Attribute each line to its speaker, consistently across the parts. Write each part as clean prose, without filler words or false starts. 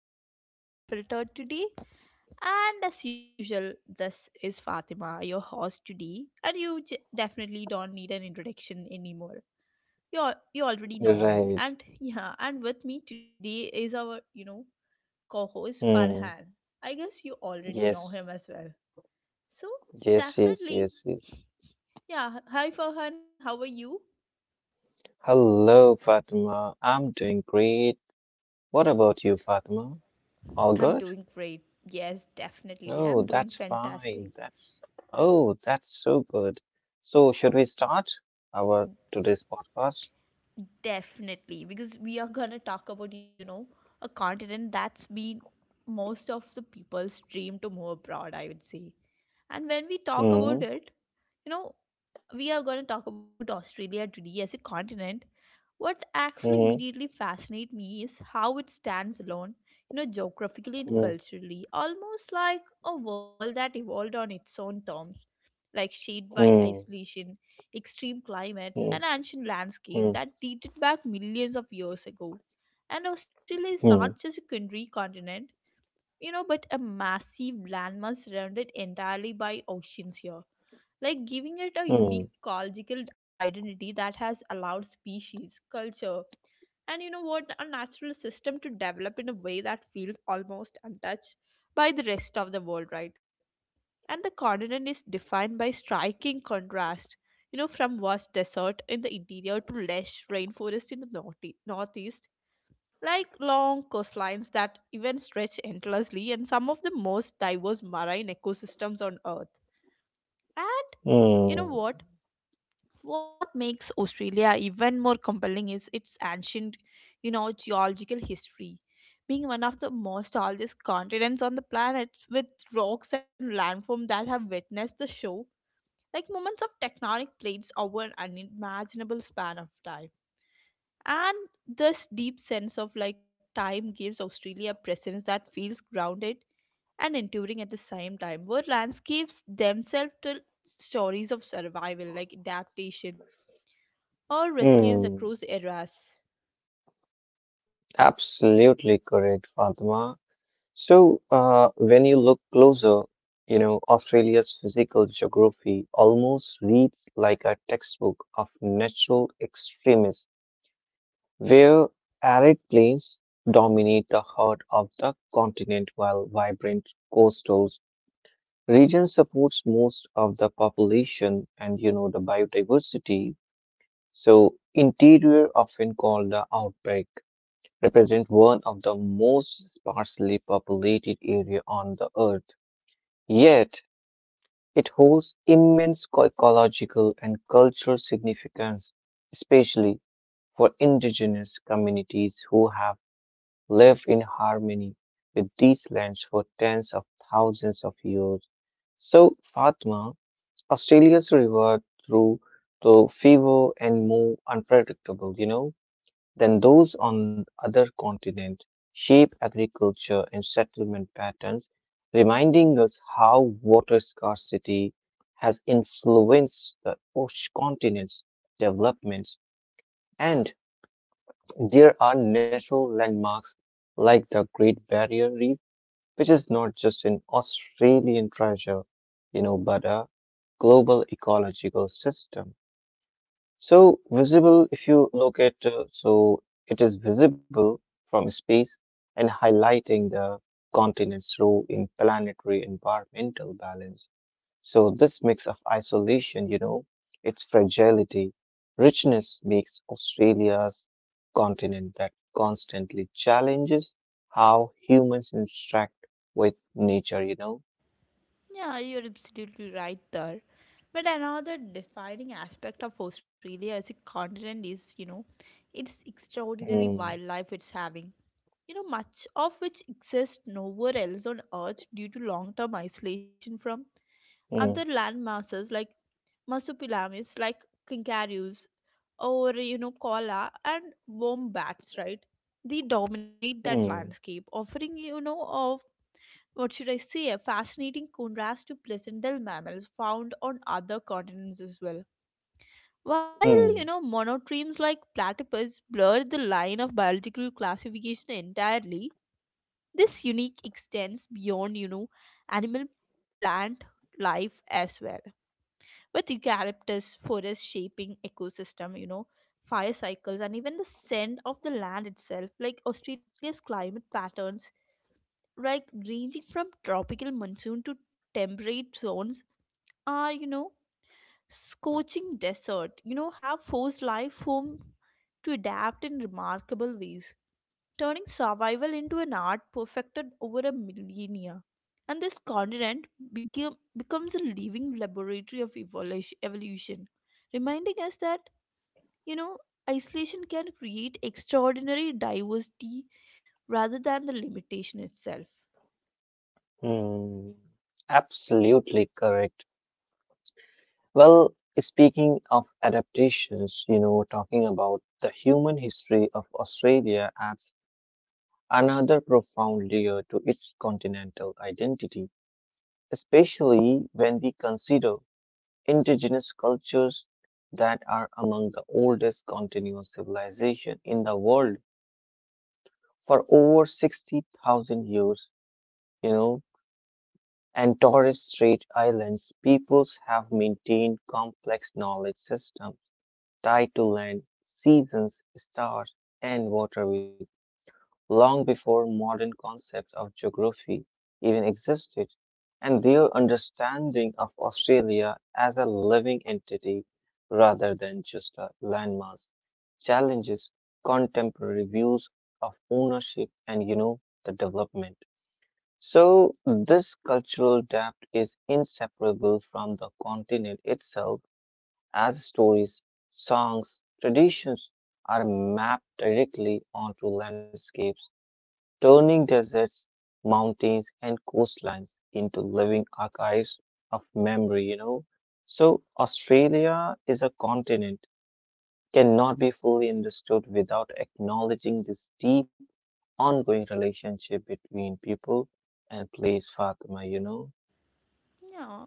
Speaker 1: episode of Concerns Unfiltered today. And as usual, this is Fatima, your host today, and definitely don't need an introduction anymore. You already know
Speaker 2: Right.
Speaker 1: me, and yeah, and with me today is our co-host
Speaker 2: Hmm.
Speaker 1: Farhan. I guess you already know
Speaker 2: Yes.
Speaker 1: him as well. So
Speaker 2: Yes, yes, yes,
Speaker 1: definitely,
Speaker 2: yes.
Speaker 1: yeah. Hi Farhan, how are you?
Speaker 2: Hello, Fatima. I'm doing great. What about you, Fatima? All
Speaker 1: I'm
Speaker 2: good?
Speaker 1: doing great. Yes, definitely,
Speaker 2: Oh,
Speaker 1: I'm
Speaker 2: that's
Speaker 1: doing
Speaker 2: fine.
Speaker 1: fantastic.
Speaker 2: That's so good. So, should we start our today's podcast?
Speaker 1: Definitely, because we are gonna talk about, you know, a continent that's been most of the people's dream to move abroad, I would say. And when we talk
Speaker 2: Hmm.
Speaker 1: about it, you know, we are gonna talk about Australia today as a continent. What actually
Speaker 2: Hmm.
Speaker 1: immediately fascinates me is how it stands alone, you know, geographically and
Speaker 2: Hmm.
Speaker 1: culturally, almost like a world that evolved on its own terms like shaped by
Speaker 2: Hmm.
Speaker 1: isolation, extreme climates, and
Speaker 2: Hmm.
Speaker 1: ancient landscape
Speaker 2: Hmm.
Speaker 1: that dated back millions of years ago. And Australia is
Speaker 2: Hmm.
Speaker 1: not just a country continent, you know, but a massive landmass surrounded entirely by oceans here like giving it a
Speaker 2: Hmm.
Speaker 1: unique ecological identity that has allowed species, culture, and you know what, a natural system to develop in a way that feels almost untouched by the rest of the world, right? And the continent is defined by striking contrast, you know, from vast desert in the interior to lush rainforest in the northeast, like long coastlines that even stretch endlessly and some of the most diverse marine ecosystems on earth. And you
Speaker 2: Hmm.
Speaker 1: know what makes Australia even more compelling is its ancient, you know, geological history, being one of the most oldest continents on the planet with rocks and landforms that have witnessed the show, like moments of tectonic plates over an unimaginable span of time. And this deep sense of like time gives Australia a presence that feels grounded and enduring at the same time, where landscapes themselves tell stories of survival, like adaptation or resilience across
Speaker 2: Hmm.
Speaker 1: eras.
Speaker 2: Absolutely correct, Fatima. So, when you look closer, you know, Australia's physical geography almost reads like a textbook of natural extremism, where arid plains dominate the heart of the continent while vibrant coastal regions supports most of the population and, you know, the biodiversity. So, interior, often called the outback, represent one of the most sparsely populated area on the earth. Yet, it holds immense ecological and cultural significance, especially for indigenous communities who have lived in harmony with these lands for tens of thousands of years. So, Fatma, Australia's river through the fever and more unpredictable, you know, than those on other continents, shape agriculture and settlement patterns, reminding us how water scarcity has influenced the ocean continent's developments. And there are natural landmarks like the Great Barrier Reef, which is not just an Australian treasure, you know, but a global ecological system. So visible, if you look at, so it is visible from space and highlighting the continent's role in planetary environmental balance. So this mix of isolation, you know, its fragility, richness makes Australia's continent that constantly challenges how humans interact with nature, you know.
Speaker 1: Yeah, you're absolutely right there. But another defining aspect of Australia as a continent is, you know, its extraordinary
Speaker 2: Hmm,
Speaker 1: wildlife it's having. You know, much of which exists nowhere else on Earth due to long term isolation from
Speaker 2: hmm,
Speaker 1: other land masses like Masopelamis, like kangaroos, or you know, Koala and wombats, right? They dominate that
Speaker 2: hmm,
Speaker 1: landscape, offering you know, of what should I say, a fascinating contrast to pleasant mammals found on other continents as well. While you
Speaker 2: hmm,
Speaker 1: know monotremes like platypus blur the line of biological classification entirely, this unique extends beyond, you know, animal plant life as well, with eucalyptus forest shaping ecosystem, you know, fire cycles and even the scent of the land itself, like Australia's climate patterns, like ranging from tropical monsoon to temperate zones, are, you know, scorching desert, you know, have forced life form to adapt in remarkable ways, turning survival into an art perfected over a millennia. And this continent becomes a living laboratory of evolution, evolution, reminding us that, you know, isolation can create extraordinary diversity rather than the limitation itself.
Speaker 2: hmm. Absolutely correct. Well, speaking of adaptations, you know, talking about the human history of Australia adds another profound layer to its continental identity, especially when we consider indigenous cultures that are among the oldest continuous civilization in the world for over 60,000 years, you know, and Torres Strait Islands peoples have maintained complex knowledge systems tied to land, seasons, stars, and water long before modern concepts of geography even existed, and their understanding of Australia as a living entity rather than just a landmass challenges contemporary views of ownership and you know the development. So this cultural depth is inseparable from the continent itself as stories, songs, traditions are mapped directly onto landscapes, turning deserts, mountains, and coastlines into living archives of memory, you know. So, Australia is a continent, cannot be fully understood without acknowledging this deep, ongoing relationship between people and place, Fatima, you know.
Speaker 1: Yeah,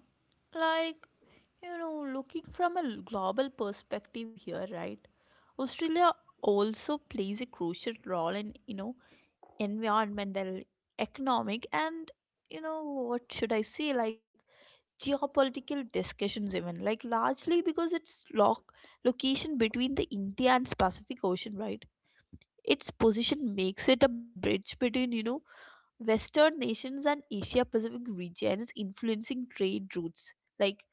Speaker 1: like, you know, looking from a global perspective here, right? Australia also plays a crucial role in, you know, environmental, economic, and you know, what should I say, like geopolitical discussions, even like largely because its location between the India and Pacific Ocean, right? Its position makes it a bridge between, you know, Western nations and Asia Pacific regions, influencing trade routes, like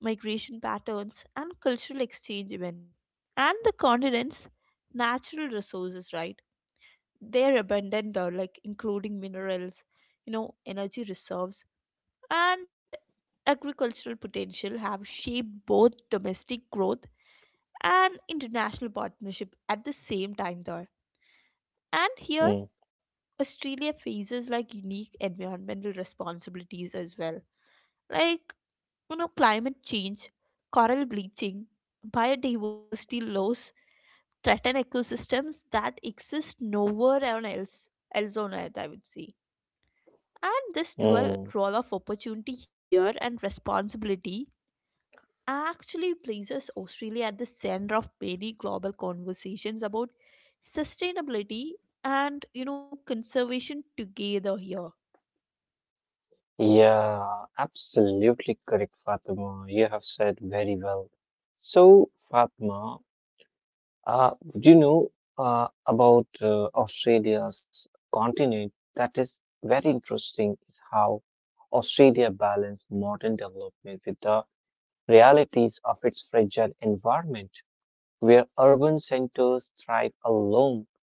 Speaker 1: migration patterns and cultural exchange, even, and the continent's natural resources, right? They're abundant though, like including minerals, you know, energy reserves and agricultural potential have shaped both domestic growth and international partnership at the same time there. And
Speaker 2: Mm,
Speaker 1: here Australia faces like unique environmental responsibilities as well, like, you know, climate change, coral bleaching, biodiversity loss threaten ecosystems that exist nowhere else on earth, I would say. And this
Speaker 2: mm.
Speaker 1: dual role of opportunity here and responsibility actually places Australia at the center of many global conversations about sustainability and, you know, conservation together here.
Speaker 2: Yeah, absolutely correct, Fatima. You have said very well. So, Fatima, uh, do you know about Australia's continent? That is very interesting, is how Australia balanced modern development with the realities of its fragile environment, where urban centers thrive along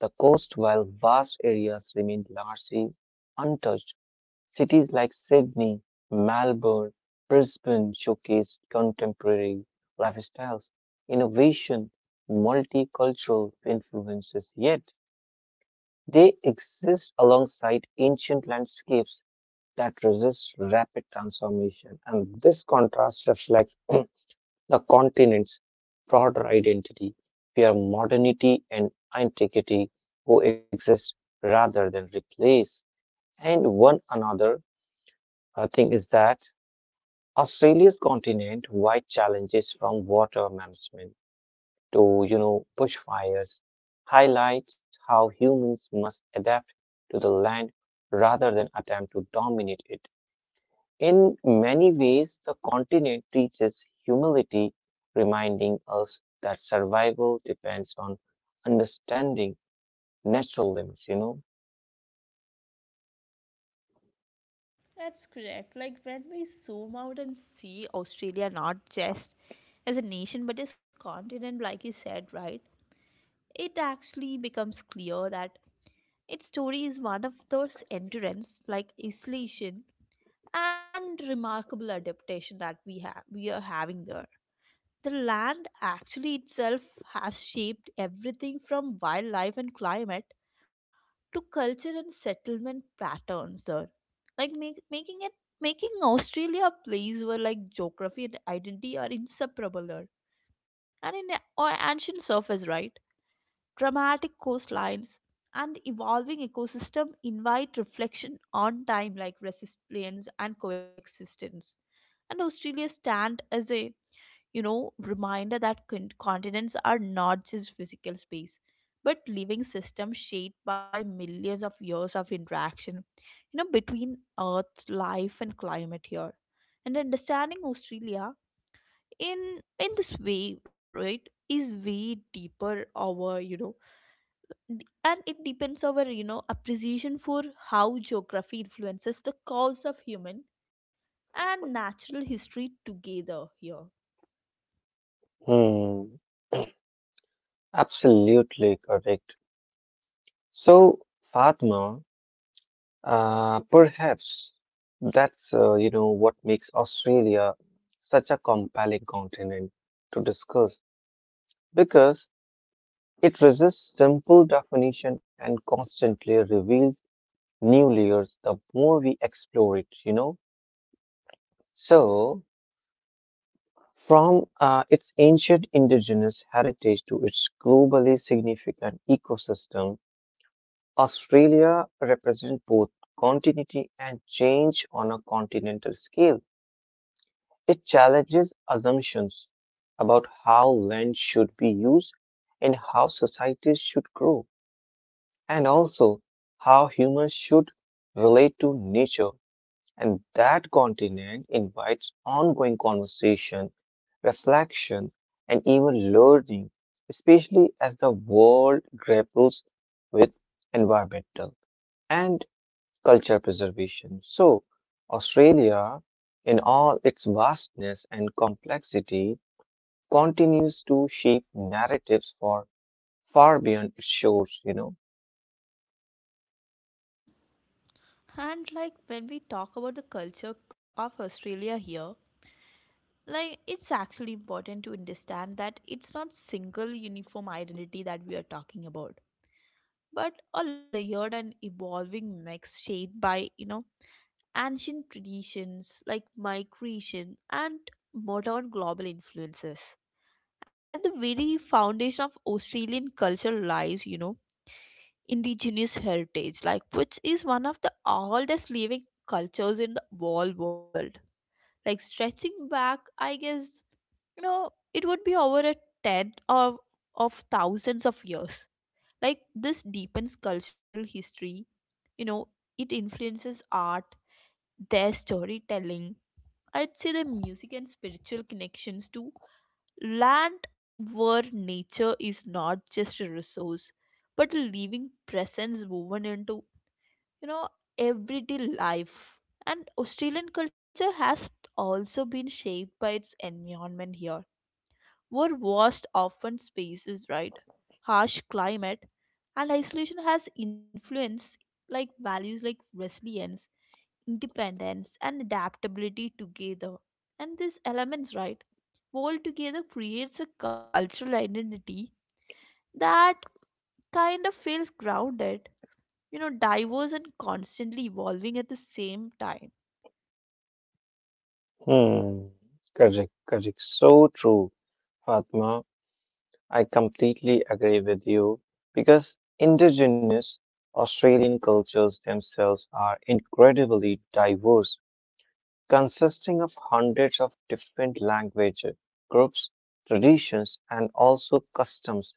Speaker 2: the coast while vast areas remain largely untouched. Cities like Sydney, Melbourne, Brisbane showcased contemporary lifestyles, innovation, multicultural influences, yet they exist alongside ancient landscapes that resist rapid transformation. And this contrast reflects the continent's broader identity, where modernity and antiquity coexist rather than replace and one another. I think is that Australia's continent-wide challenges from water management to, you know, bushfires highlights how humans must adapt to the land rather than attempt to dominate it. In many ways, the continent teaches humility, reminding us that survival depends on understanding natural limits, you know?
Speaker 1: That's correct. Like when we zoom out and see Australia not just as a nation but as continent like you said, right? It actually becomes clear that its story is one of those endurance, like isolation and remarkable adaptation that we are having there. The land actually itself has shaped everything from wildlife and climate to culture and settlement patterns there, like making it making Australia a place where like geography and identity are inseparable there. And in a- or ancient surface, right, dramatic coastlines, and evolving ecosystem invite reflection on time, like resilience and coexistence. And Australia stand as a, you know, reminder that continents are not just physical space but living systems shaped by millions of years of interaction, you know, between earth life and climate here. And understanding Australia in this way, right, is way deeper our, you know, and it depends our, you know, appreciation for how geography influences the cause of human and natural history together here.
Speaker 2: Hmm, absolutely correct. So, Fatma, perhaps that's you know what makes Australia such a compelling continent to discuss because it resists simple definition and constantly reveals new layers the more we explore it, you know. So, from its ancient indigenous heritage to its globally significant ecosystem, Australia represents both continuity and change on a continental scale. It challenges assumptions about how land should be used and how societies should grow, and also how humans should relate to nature. And that continent invites ongoing conversation, reflection, and even learning, especially as the world grapples with environmental and culture preservation. So, Australia, in all its vastness and complexity, continues to shape narratives for far beyond its shores, you know.
Speaker 1: And like when we talk about the culture of Australia here, like it's actually important to understand that it's not single uniform identity that we are talking about, but a layered and evolving mix shaped by, you know, ancient traditions, like migration and modern global influences. At the very foundation of Australian culture lies, you know, indigenous heritage, like which is one of the oldest living cultures in the whole world. Like stretching back, I guess, you know, it would be over a ten of thousands of years. Like this deepens cultural history, you know, it influences art, their storytelling. I'd say the music and spiritual connections too. Land where nature is not just a resource, but a living presence woven into, you know, everyday life. And Australian culture has also been shaped by its environment here, where vast open spaces, right, harsh climate, and isolation has influenced like values like resilience, independence, and adaptability together. And these elements, right? World together creates a cultural identity that kind of feels grounded, you know, diverse and constantly evolving at the same time.
Speaker 2: Hmm. Correct, correct. So true, Fatma. I completely agree with you because indigenous Australian cultures themselves are incredibly diverse consisting of hundreds of different language groups, traditions, and also customs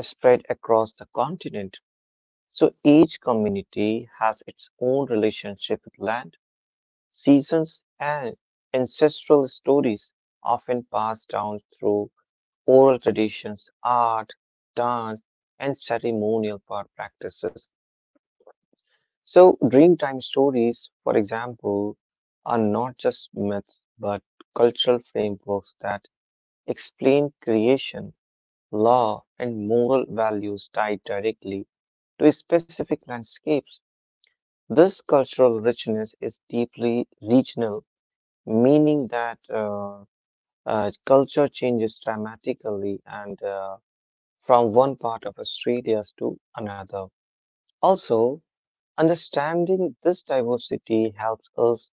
Speaker 2: spread across the continent. So each community has its own relationship with land, seasons, and ancestral stories, often passed down through oral traditions, art, dance, and ceremonial practices. So, Dreamtime stories, for example, are not just myths but cultural frameworks that explain creation, law, and moral values tied directly to specific landscapes. This cultural richness is deeply regional, meaning that culture changes dramatically and from one part of Australia to another. Also, understanding this diversity helps us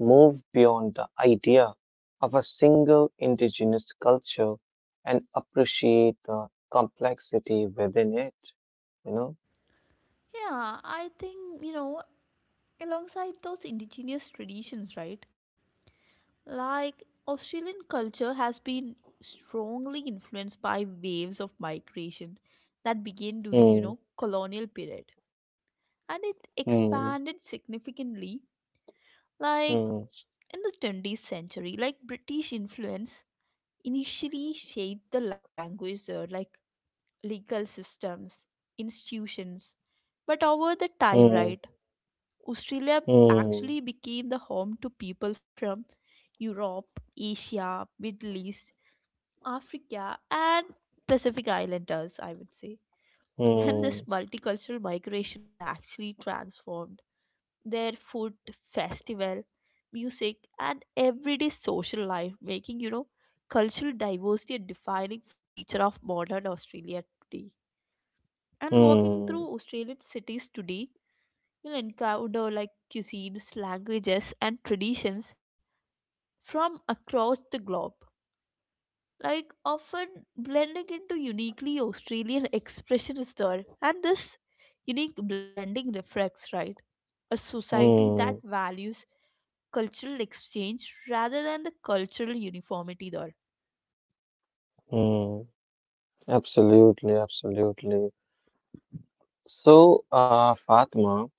Speaker 2: move beyond the idea of a single indigenous culture and appreciate the complexity within it, you
Speaker 1: Yeah, I think, you know, alongside those indigenous traditions, right? Like Australian culture has been strongly influenced by waves of migration that began during, you
Speaker 2: know?
Speaker 1: know, colonial period, and it
Speaker 2: Hmm, hmm,
Speaker 1: expanded significantly like
Speaker 2: hmm,
Speaker 1: in the 20th century. Like British influence initially shaped the language there, like legal systems, institutions. But over the time,
Speaker 2: hmm,
Speaker 1: right, Australia
Speaker 2: hmm,
Speaker 1: actually became the home to people from Europe, Asia, Middle East, Africa, and Pacific Islanders, I would say. And this
Speaker 2: hmm,
Speaker 1: multicultural migration actually transformed their food, festival, music and everyday social life, making, you know, cultural diversity a defining feature of modern Australia today. And walking
Speaker 2: hmm,
Speaker 1: through Australian cities today, you'll encounter like cuisines, languages and traditions from across the globe, like often blending into uniquely Australian expressions there. And this unique blending reflects, right, a society that
Speaker 2: hmm,
Speaker 1: values cultural exchange rather than the cultural uniformity there.
Speaker 2: hmm. Absolutely, absolutely. So, Fatma,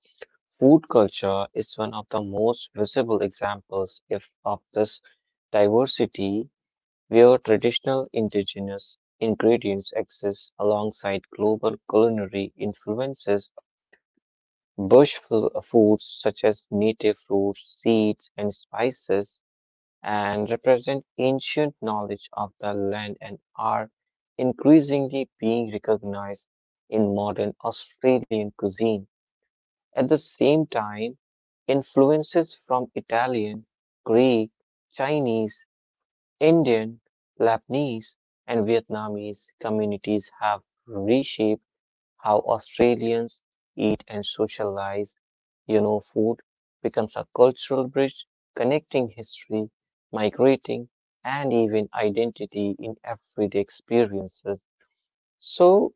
Speaker 2: food culture is one of the most visible examples if of this diversity where traditional indigenous ingredients exist alongside global culinary influences. Bush foods such as native fruits, seeds, and spices and represent ancient knowledge of the land and are increasingly being recognized in modern Australian cuisine. At the same time, influences from Italian, Greek, Chinese, Indian, Lebanese, and Vietnamese communities have reshaped how Australians eat and socialize. You know, food becomes a cultural bridge connecting history, migrating, and even identity in everyday experiences. So,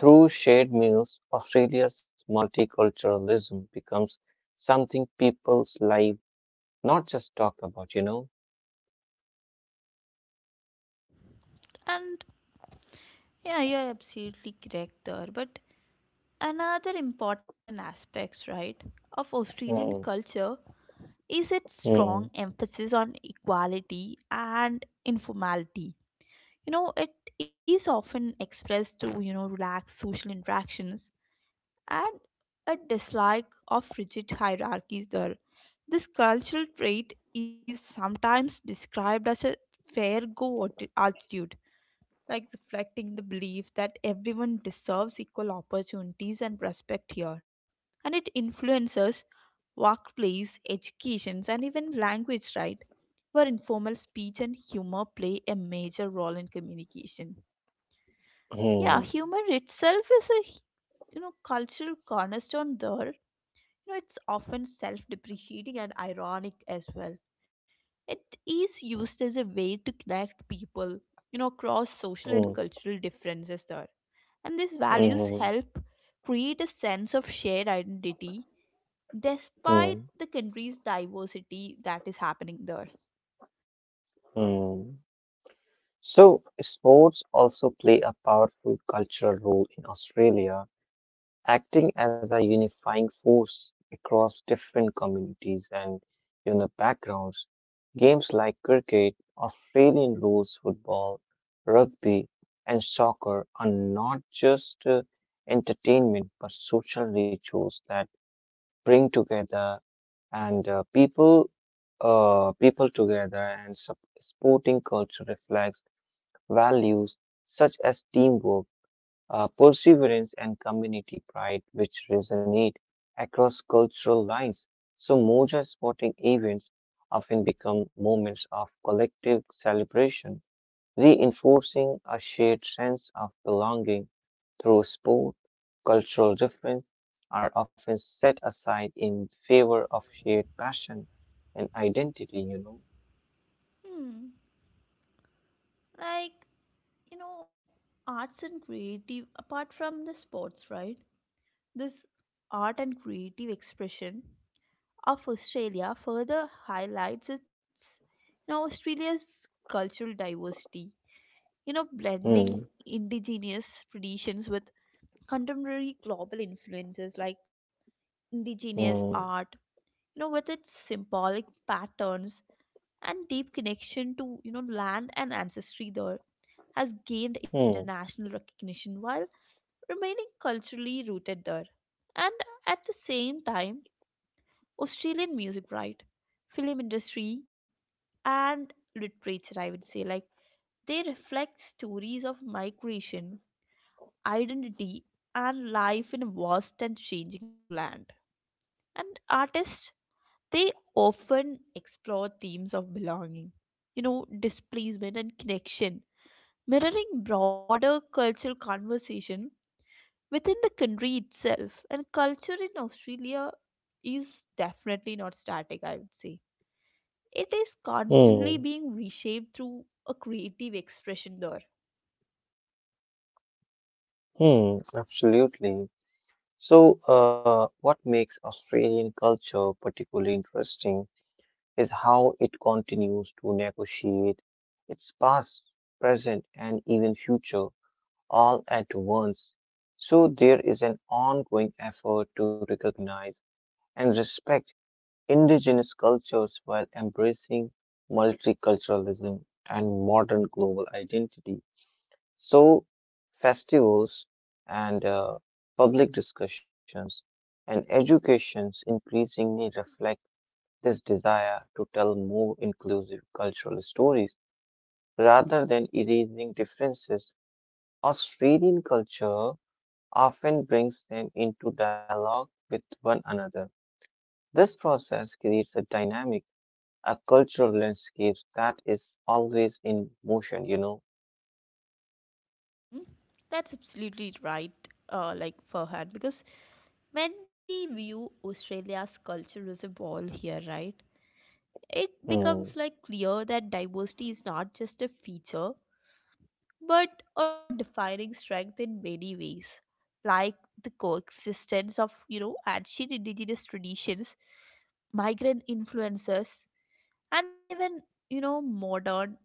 Speaker 2: through shared meals, Australia's multiculturalism becomes something people's life not just talk about, you know.
Speaker 1: And yeah, you're absolutely correct there. But another important aspect, right, of Australian
Speaker 2: Hmm,
Speaker 1: culture is its strong
Speaker 2: hmm,
Speaker 1: emphasis on equality and informality. You know, it is often expressed through, you know, relaxed social interactions and a dislike of rigid hierarchies there. This cultural trait is sometimes described as a fair go attitude, like reflecting the belief that everyone deserves equal opportunities and respect here. And it influences workplace, educations, and even language, right? Where informal speech and humor play a major role in communication. Yeah,
Speaker 2: hmm,
Speaker 1: humor itself is a, you know, cultural cornerstone there. You know, it's often self depreciating and ironic as well. It is used as a way to connect people, you know, across social and
Speaker 2: hmm,
Speaker 1: cultural differences there. And these values
Speaker 2: hmm,
Speaker 1: help create a sense of shared identity despite
Speaker 2: hmm,
Speaker 1: the country's diversity that is happening there.
Speaker 2: hmm. So, sports also play a powerful cultural role in Australia, acting as a unifying force across different communities and, you know, backgrounds. Games like cricket, Australian rules football, rugby, and soccer are not just entertainment but social rituals that bring together and people people together and sporting culture reflects values such as teamwork, perseverance, and community pride, which resonate across cultural lines. So, Moja sporting events often become moments of collective celebration, reinforcing a shared sense of belonging through sport. Cultural difference are often set aside in favor of shared passion and identity, you know.
Speaker 1: Hmm. Like, you know, arts and creative, apart from the sports, right? This art and creative expression of Australia further highlights its, you know, Australia's cultural diversity. You know,
Speaker 2: Hmm,
Speaker 1: blending indigenous traditions with contemporary global influences like indigenous
Speaker 2: hmm,
Speaker 1: art, you know, with its symbolic patterns and deep connection to, you know, land and ancestry there has gained
Speaker 2: hmm,
Speaker 1: international recognition while remaining culturally rooted there. And at the same time, Australian music, right? Film industry and literature, I would say. Like they reflect stories of migration, identity, and life in a vast and changing land. And artists, they often explore themes of belonging, you know, displacement and connection, mirroring broader cultural conversation within the country itself. And culture in Australia is definitely not static, I would say. It is
Speaker 2: hmm,
Speaker 1: constantly being reshaped through a creative expression there.
Speaker 2: hmm, absolutely. So, what makes Australian culture particularly interesting is how it continues to negotiate its past, present, and even future all at once. So, there is an ongoing effort to recognize and respect indigenous cultures while embracing multiculturalism and modern global identity. So, festivals and public discussions and educations increasingly reflect this desire to tell more inclusive cultural stories rather than erasing differences. Australian culture often brings them into dialogue with one another. This process creates a dynamic, a cultural landscape that is always in motion, you know.
Speaker 1: Hmm? That's absolutely right, like Farhan, because when we view Australia's culture as a whole here, right, it
Speaker 2: Hmm.
Speaker 1: becomes like clear that diversity is not just a feature but a defining strength in many ways, like the coexistence of, you know, ancient indigenous traditions, migrant influences and even, you know, modern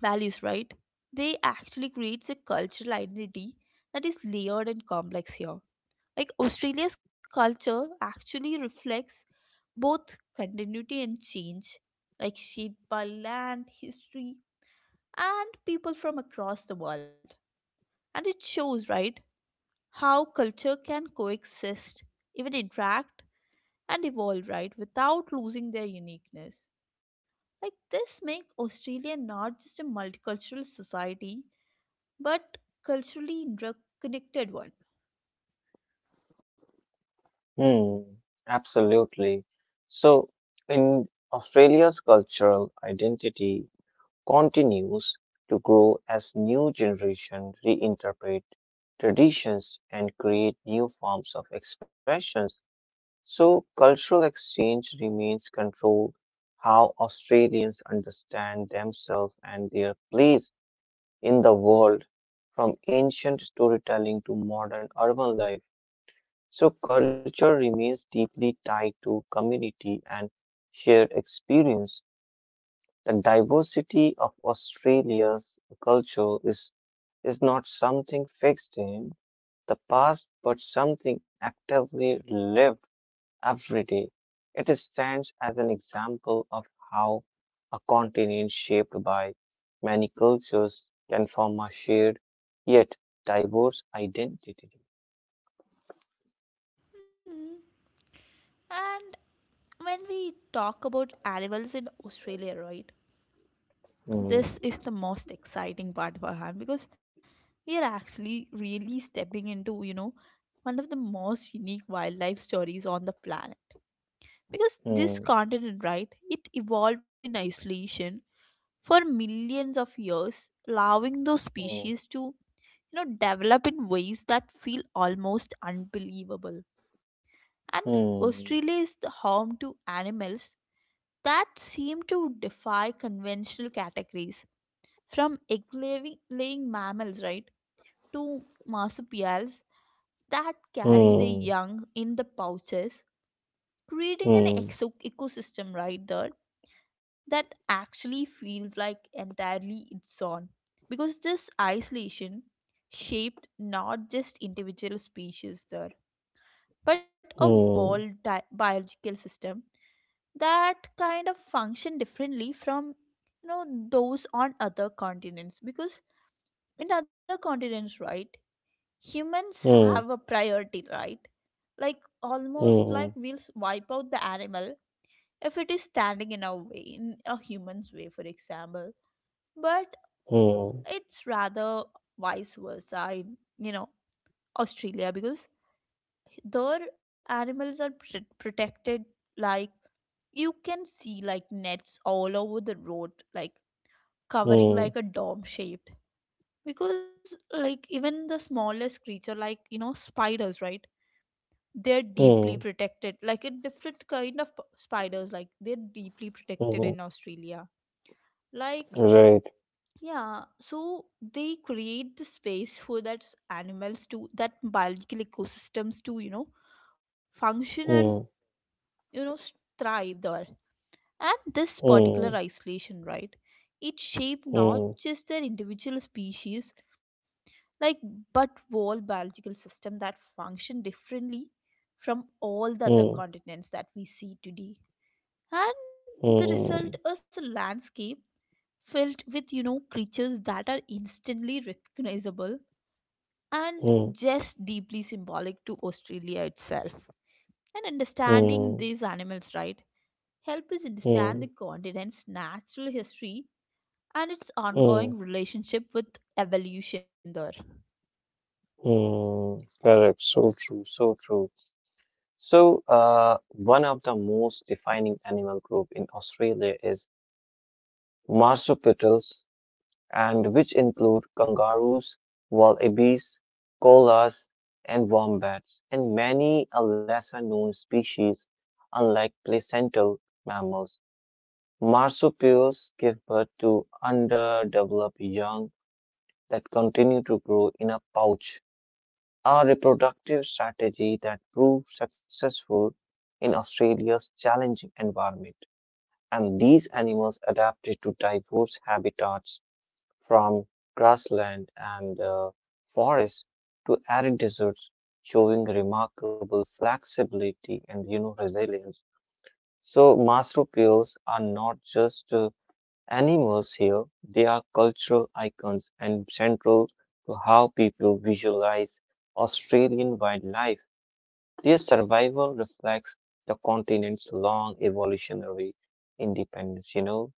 Speaker 1: values, right? They actually creates a cultural identity that is layered and complex here. Like Australia's culture actually reflects both continuity and change, like shaped by land, history, and people from across the world. And it shows, right, how culture can coexist, even interact and evolve, right, without losing their uniqueness. Like this make Australia not just a multicultural society but culturally drug connected one.
Speaker 2: Hmm, absolutely. So, in Australia's cultural identity continues to grow as new generations reinterpret traditions and create new forms of expressions. So, cultural exchange remains control how Australians understand themselves and their place in the world, from ancient storytelling to modern urban life. So culture remains deeply tied to community and shared experience. The diversity of Australia's culture is not something fixed in the past, but something actively lived every day. It stands as an example of how a continent shaped by many cultures can form a shared yet diverse identity.
Speaker 1: Hmm. And when we talk about animals in Australia, right?
Speaker 2: Hmm,
Speaker 1: This is the most exciting part for him because we are actually really stepping into, you know, one of the most unique wildlife stories on the planet. Because this
Speaker 2: hmm,
Speaker 1: continent, right, it evolved in isolation for millions of years, allowing those
Speaker 2: hmm.
Speaker 1: species to, you know, develop in ways that feel almost unbelievable. And
Speaker 2: Hmm.
Speaker 1: Australia is the home to animals that seem to defy conventional categories from egg laying mammals, right, to marsupials that carry their
Speaker 2: Hmm.
Speaker 1: young in the pouches, creating an
Speaker 2: Hmm.
Speaker 1: ecosystem right there that actually feels like entirely its own. Because this isolation shaped not just individual species there, but a
Speaker 2: Hmm.
Speaker 1: biological system that kind of function differently from, you know, those on other continents, because in other continents, right, humans have a
Speaker 2: Hmm.
Speaker 1: priority, right, like almost
Speaker 2: Hmm.
Speaker 1: like wipe out the animal if it is standing in our way, in a human's way for example. But
Speaker 2: Hmm.
Speaker 1: it's rather vice versa in, you know, Australia, because their animals are protected. Like you can see like nets all over the road, like covering
Speaker 2: Hmm.
Speaker 1: like a dome shaped, because like even the smallest creature like, you know, spiders, right, they're
Speaker 2: Hmm.
Speaker 1: deeply protected. Like a different kind of spiders, like they're deeply protected
Speaker 2: Mhm.
Speaker 1: in Australia. Like,
Speaker 2: Right.
Speaker 1: yeah, so they create the space for that animals, to that biological ecosystems to, you know, function and,
Speaker 2: Hmm.
Speaker 1: you know, thrive there. And this
Speaker 2: Hmm.
Speaker 1: particular isolation, right, it shaped
Speaker 2: Hmm.
Speaker 1: not just their individual species, like, but whole biological system that function differently from all
Speaker 2: Hmm.
Speaker 1: the other continents that we see today. And the result
Speaker 2: Hmm.
Speaker 1: is a landscape filled with, you know, creatures that are instantly recognizable and
Speaker 2: Hmm.
Speaker 1: just deeply symbolic to Australia itself. And
Speaker 2: Hmm.
Speaker 1: understanding these animals, right, help us understand the
Speaker 2: Hmm.
Speaker 1: continent's natural history and its ongoing
Speaker 2: Hmm.
Speaker 1: relationship with evolution there.
Speaker 2: Mm. Correct. So true. So true. So, one of the most defining animal group in Australia is marsupials and which include kangaroos, wallabies, koalas, and wombats, and many a lesser known species. Unlike placental mammals, marsupials give birth to underdeveloped young that continue to grow in a pouch, a reproductive strategy that proved successful in Australia's challenging environment. And these animals adapted to diverse habitats from grassland and forests to arid deserts, showing remarkable flexibility and you know resilience. So marsupials are not just animals here; they are cultural icons and central to how people visualize Australian wildlife. Their survival reflects the continent's long evolutionary independence. You know.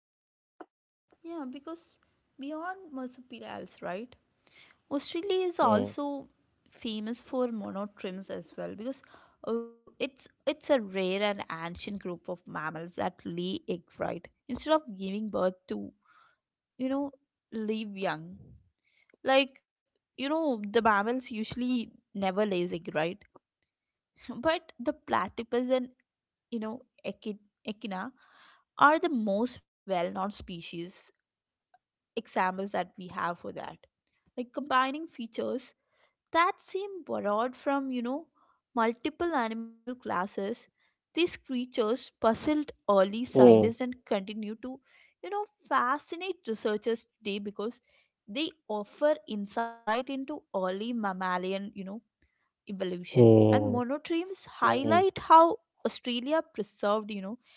Speaker 1: Yeah, because beyond marsupials, right? Australia is
Speaker 2: Mm,
Speaker 1: also famous for monotremes as well, because it's a rare and ancient group of mammals that lay egg, right, instead of giving birth to, you know, live young. Like, you know, the mammals usually never lays egg, right? But the platypus and, you know, echina are the most well-known species examples that we have for that, like combining features that seem borrowed from, you know, multiple animal classes. These creatures puzzled early
Speaker 2: mm,
Speaker 1: scientists and continue to, you know, fascinate researchers today, because they offer insight into early mammalian, you know, evolution. And
Speaker 2: mm,
Speaker 1: monotremes
Speaker 2: mm,
Speaker 1: highlight how Australia preserved, you know,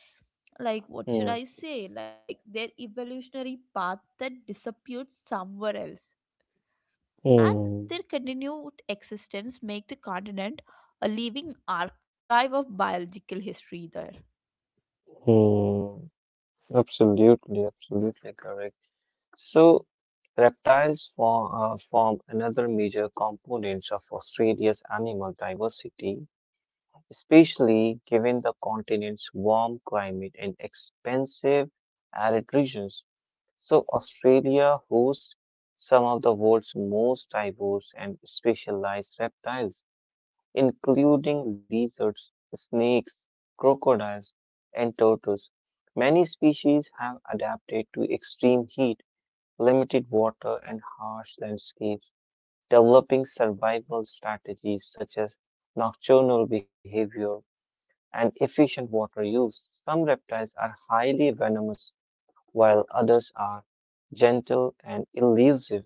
Speaker 1: like what should
Speaker 2: mm.
Speaker 1: I say, like their evolutionary path that disappeared somewhere else. And
Speaker 2: Hmm.
Speaker 1: their continued existence make the continent a living archive of biological history there.
Speaker 2: Hmm. Absolutely, absolutely correct. So, reptiles form another major component of Australia's animal diversity, especially given the continent's warm climate and expansive arid regions. So, Australia hosts some of the world's most diverse and specialized reptiles, including lizards, snakes, crocodiles, and turtles. Many species have adapted to extreme heat, limited water, and harsh landscapes, developing survival strategies such as nocturnal behavior and efficient water use. Some reptiles are highly venomous, while others are gentle and elusive,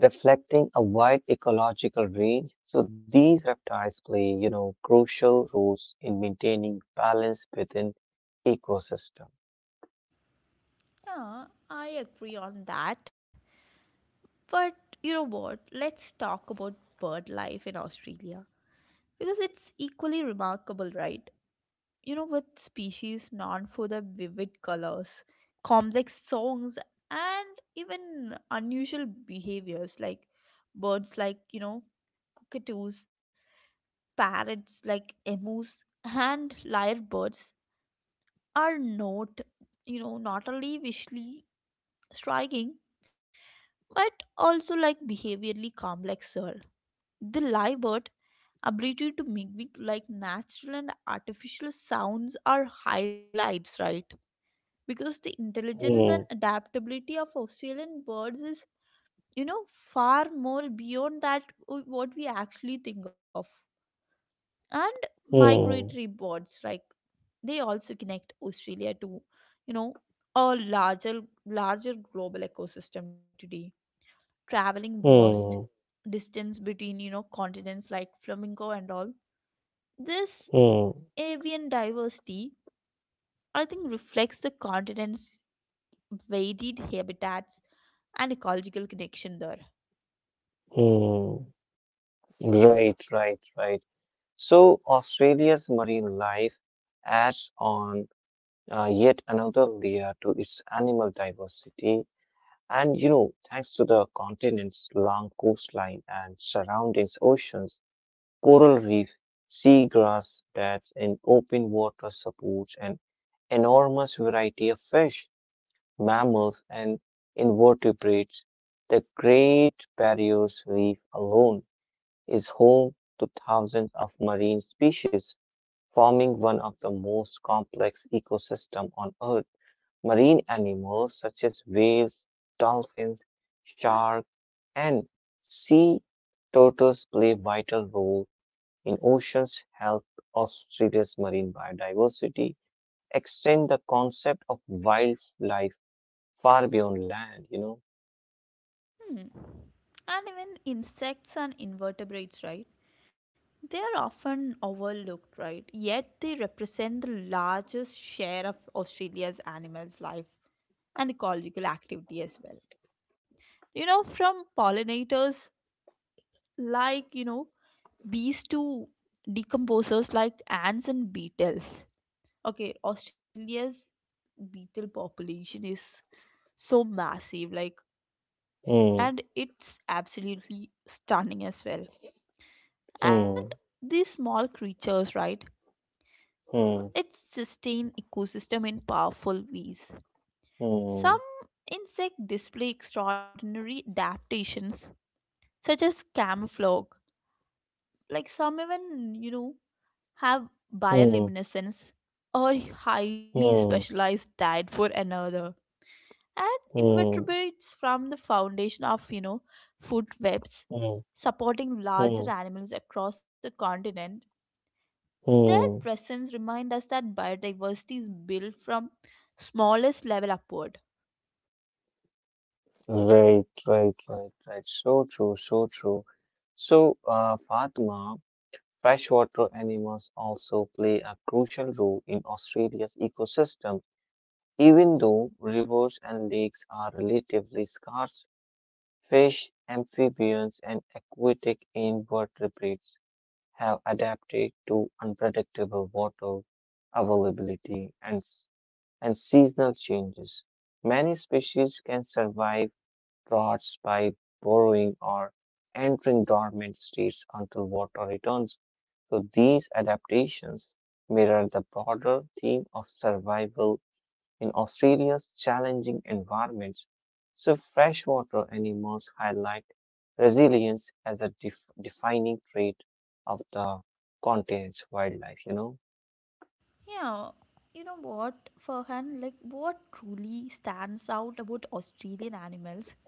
Speaker 2: reflecting a wide ecological range. So these reptiles play, you know, crucial roles in maintaining balance within ecosystem.
Speaker 1: Yeah, I agree on that. But you know what? Let's talk about bird life in Australia, because it's equally remarkable, right? You know, with species known for their vivid colors, complex songs, and even unusual behaviors, like birds like, you know, cockatoos, parrots, like emus and lyrebirds are not, you know, not only visually striking but also like behaviorally complexer. The lyrebird ability to mimic like natural and artificial sounds are highlights, right? Because the intelligence and
Speaker 2: Hmm,
Speaker 1: adaptability of Australian birds is, you know, far more beyond that what we actually think of. And migratory
Speaker 2: hmm,
Speaker 1: birds, like, they also connect Australia to, you know, a larger global ecosystem today. Traveling vast
Speaker 2: hmm,
Speaker 1: distance between, you know, continents like flamenco and all. This
Speaker 2: hmm,
Speaker 1: avian diversity, I think, reflects the continent's varied habitats and ecological connection there.
Speaker 2: hmm. Right, right, right. So Australia's marine life adds on, yet another layer to its animal diversity. And you know, thanks to the continent's long coastline and surrounding oceans, coral reef, seagrass beds, and open water supports an enormous variety of fish, mammals, and invertebrates. The Great Barrier Reef alone is home to thousands of marine species, forming one of the most complex ecosystems on Earth. Marine animals such as whales, dolphins, sharks, and sea turtles play vital role in oceans' health. Australia's marine biodiversity extend the concept of wildlife far beyond land.
Speaker 1: Hmm. And even insects and invertebrates, right? They are often overlooked, right? Yet they represent the largest share of Australia's animals' life and ecological activity as well. You know, from pollinators like, you know, bees to decomposers like ants and beetles. Okay, Australia's beetle population is so massive, like,
Speaker 2: know.
Speaker 1: and it's absolutely stunning as well.
Speaker 2: Hmm.
Speaker 1: And
Speaker 2: Hmm.
Speaker 1: these small creatures, right?
Speaker 2: Hmm.
Speaker 1: It sustain ecosystem in powerful ways.
Speaker 2: Hmm.
Speaker 1: Some insect display extraordinary adaptations such as camouflage. Like some even, you know, have
Speaker 2: Hmm.
Speaker 1: bioluminescence or highly
Speaker 2: Hmm.
Speaker 1: specialized diet for another. And
Speaker 2: Hmm.
Speaker 1: invertebrates from the foundation of, you know, food webs
Speaker 2: Hmm.
Speaker 1: supporting
Speaker 2: Hmm.
Speaker 1: larger animals across the continent. Their
Speaker 2: Hmm.
Speaker 1: presence reminds us that biodiversity is built from smallest level upward.
Speaker 2: Right. Right. Right. Right. So true. So true. So, Fatima. Freshwater animals also play a crucial role in Australia's ecosystem. Even though rivers and lakes are relatively scarce, fish, amphibians, and aquatic invertebrates have adapted to unpredictable water availability and seasonal changes. Many species can survive droughts by burrowing or entering dormant states until water returns. So these adaptations mirror the broader theme of survival in Australia's challenging environments. So freshwater animals highlight resilience as a defining trait of the continent's wildlife.
Speaker 1: Yeah, you know what, Farhan, like what truly stands out about Australian animals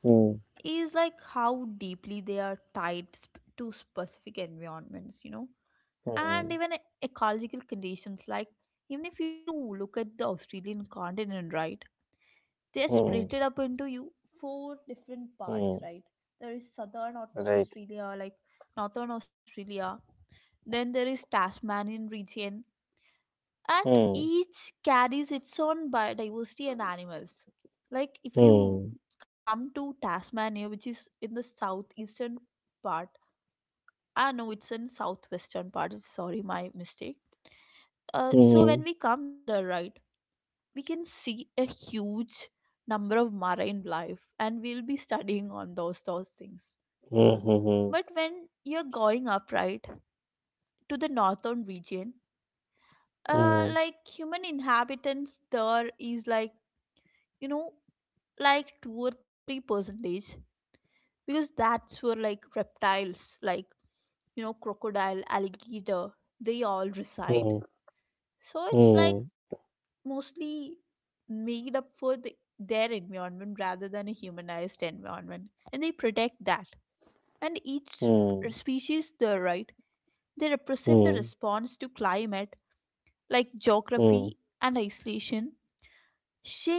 Speaker 2: Hmm,
Speaker 1: is like how deeply they are tied to specific environments, you know, and
Speaker 2: hmm,
Speaker 1: even ecological conditions. Like, even if you look at the Australian continent, right, they are
Speaker 2: hmm,
Speaker 1: split it up into, you, four different parts,
Speaker 2: hmm,
Speaker 1: right? There is southern
Speaker 2: right.
Speaker 1: Australia, like northern Australia, then there is Tasmanian region, and
Speaker 2: Hmm,
Speaker 1: each carries its own biodiversity and animals. Like if you
Speaker 2: hmm,
Speaker 1: come to Tasmania, which is in the southeastern part, ah no, it's in southwestern part, sorry my mistake. uh,
Speaker 2: hmm,
Speaker 1: so when we come there, right, we can see a huge number of marine life, and we'll be studying on those things.
Speaker 2: hmm, hmm,
Speaker 1: But when you're going upright to the northern region, uh,
Speaker 2: hmm,
Speaker 1: like human inhabitants there is like, you know, like 2 or 3 percentage, because that's where like reptiles like, you know, crocodile, alligator, they all reside.
Speaker 2: hmm,
Speaker 1: So it's like
Speaker 2: hmm,
Speaker 1: mostly made up for the, their environment rather than a humanized environment, and they protect that. And each
Speaker 2: hmm,
Speaker 1: species the right, they represent a
Speaker 2: hmm,
Speaker 1: response to climate, like
Speaker 2: hmm,
Speaker 1: geography and isolation,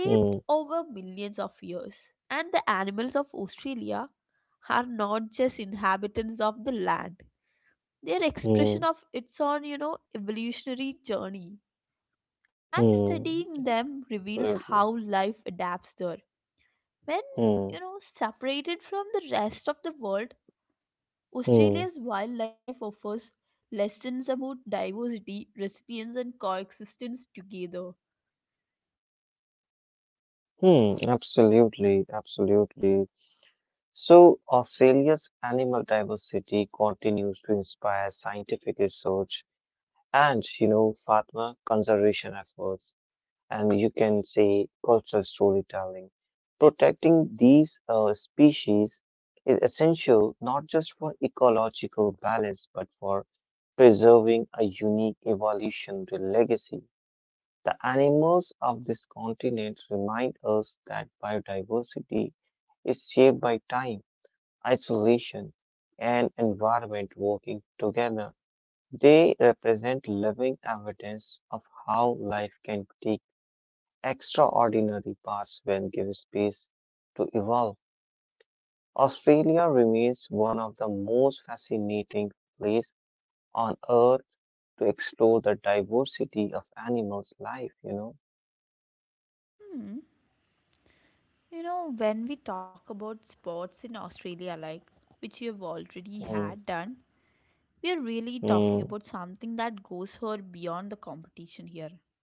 Speaker 2: hmm, hmm,
Speaker 1: over millions of years. And the animals of Australia are not just inhabitants of the land, they're expression
Speaker 2: hmm.
Speaker 1: of its own, you know, evolutionary journey. And
Speaker 2: hmm.
Speaker 1: studying them reveals
Speaker 2: Absolutely.
Speaker 1: how life adapts there. When,
Speaker 2: Hmm.
Speaker 1: you know, separated from the rest of the world,
Speaker 2: Hmm.
Speaker 1: Australia's wildlife offers lessons about diversity, resilience, and coexistence together.
Speaker 2: Hmm. Absolutely. Absolutely. So, Australia's animal diversity continues to inspire scientific research and Fatma conservation efforts, and you can say cultural storytelling. Protecting these species is essential not just for ecological balance, but for preserving a unique evolutionary legacy. The animals of this continent remind us that biodiversity is shaped by time, isolation, and environment working together. They represent living evidence of how life can take extraordinary paths when given space to evolve. Australia remains one of the most fascinating places on earth to explore the diversity of animals' life.
Speaker 1: Hmm. You know, when we talk about sports in Australia, like which you have already
Speaker 2: Mm,
Speaker 1: had done, we are really talking
Speaker 2: mm.
Speaker 1: about something that goes far beyond the competition here,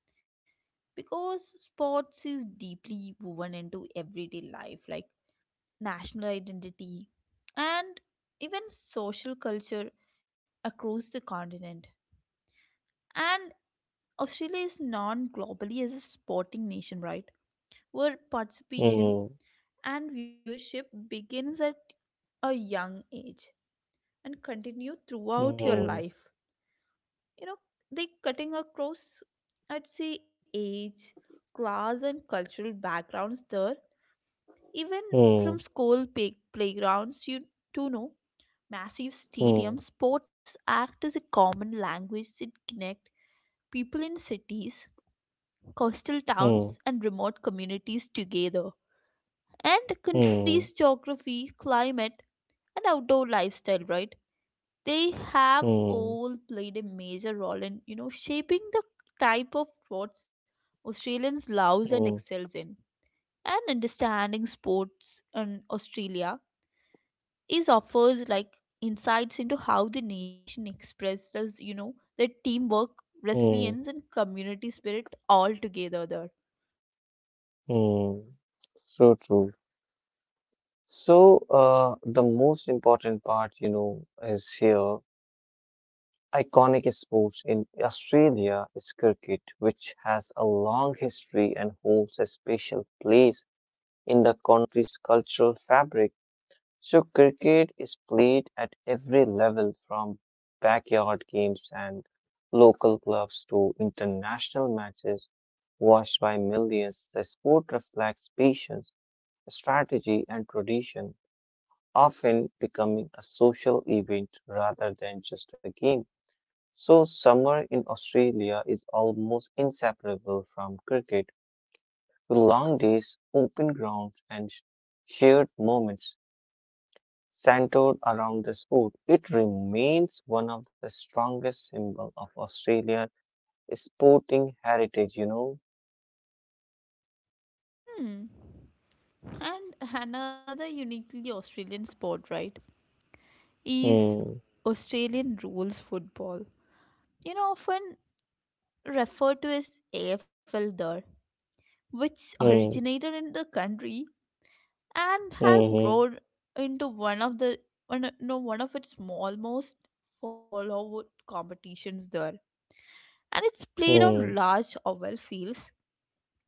Speaker 1: because sports is deeply woven into everyday life, like national identity, and even social culture across the continent. And Australia is known globally as a sporting nation, right? Where participation
Speaker 2: Mm,
Speaker 1: and viewership begins at a young age and continue throughout your
Speaker 2: mm,
Speaker 1: life. You know, they cutting across, I'd say, age, class, and cultural backgrounds there. Even from
Speaker 2: mm,
Speaker 1: school playgrounds, you do know massive
Speaker 2: mm,
Speaker 1: stadium sports act as a common language that connect people in cities, coastal
Speaker 2: mm,
Speaker 1: towns, and remote communities together. And a
Speaker 2: mm,
Speaker 1: countries geography, climate, and outdoor lifestyle, right, they have
Speaker 2: mm,
Speaker 1: all played a major role in, you know, shaping the type of sports Australians loves and
Speaker 2: mm,
Speaker 1: excels in. And understanding sports in Australia is offers like insights into how the nation expresses, you know, the teamwork,
Speaker 2: mm,
Speaker 1: resilience, and community spirit all together there.
Speaker 2: mm. So true. So, the most important part is here. Iconic sports in Australia is cricket, which has a long history and holds a special place in the country's cultural fabric. So, cricket is played at every level from backyard games and local clubs to international matches watched by millions. The sport reflects patience, strategy, and tradition, often becoming a social event rather than just a game. So, summer in Australia is almost inseparable from cricket, with long days, open grounds, and shared moments centered around the sport. It remains one of the strongest symbols of Australia's sporting heritage.
Speaker 1: Hmm. And another uniquely Australian sport, right, is
Speaker 2: Hmm.
Speaker 1: Australian rules football. You know, often referred to as AFL there, which
Speaker 2: Hmm.
Speaker 1: originated in the country and has
Speaker 2: Hmm.
Speaker 1: grown into one of the one, no, one of its small most followed competitions there. And it's played
Speaker 2: Hmm.
Speaker 1: on large oval fields.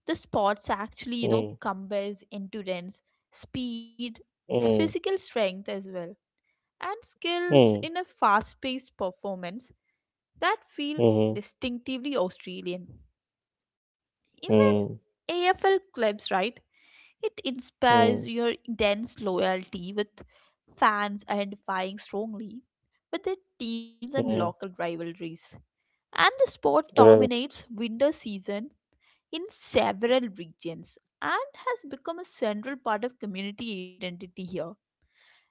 Speaker 1: The sports actually, you
Speaker 2: Hmm.
Speaker 1: know, combines endurance, speed,
Speaker 2: Hmm.
Speaker 1: physical strength as well, and skills
Speaker 2: Hmm.
Speaker 1: in a fast paced performance that feel
Speaker 2: Hmm.
Speaker 1: distinctively Australian. Even
Speaker 2: Hmm.
Speaker 1: AFL clubs, right? It inspires
Speaker 2: Hmm.
Speaker 1: your intense loyalty, with fans identifying strongly with their teams and
Speaker 2: Hmm.
Speaker 1: local rivalries. And the sport
Speaker 2: Right.
Speaker 1: dominates winter season in several regions and has become a central part of community identity here.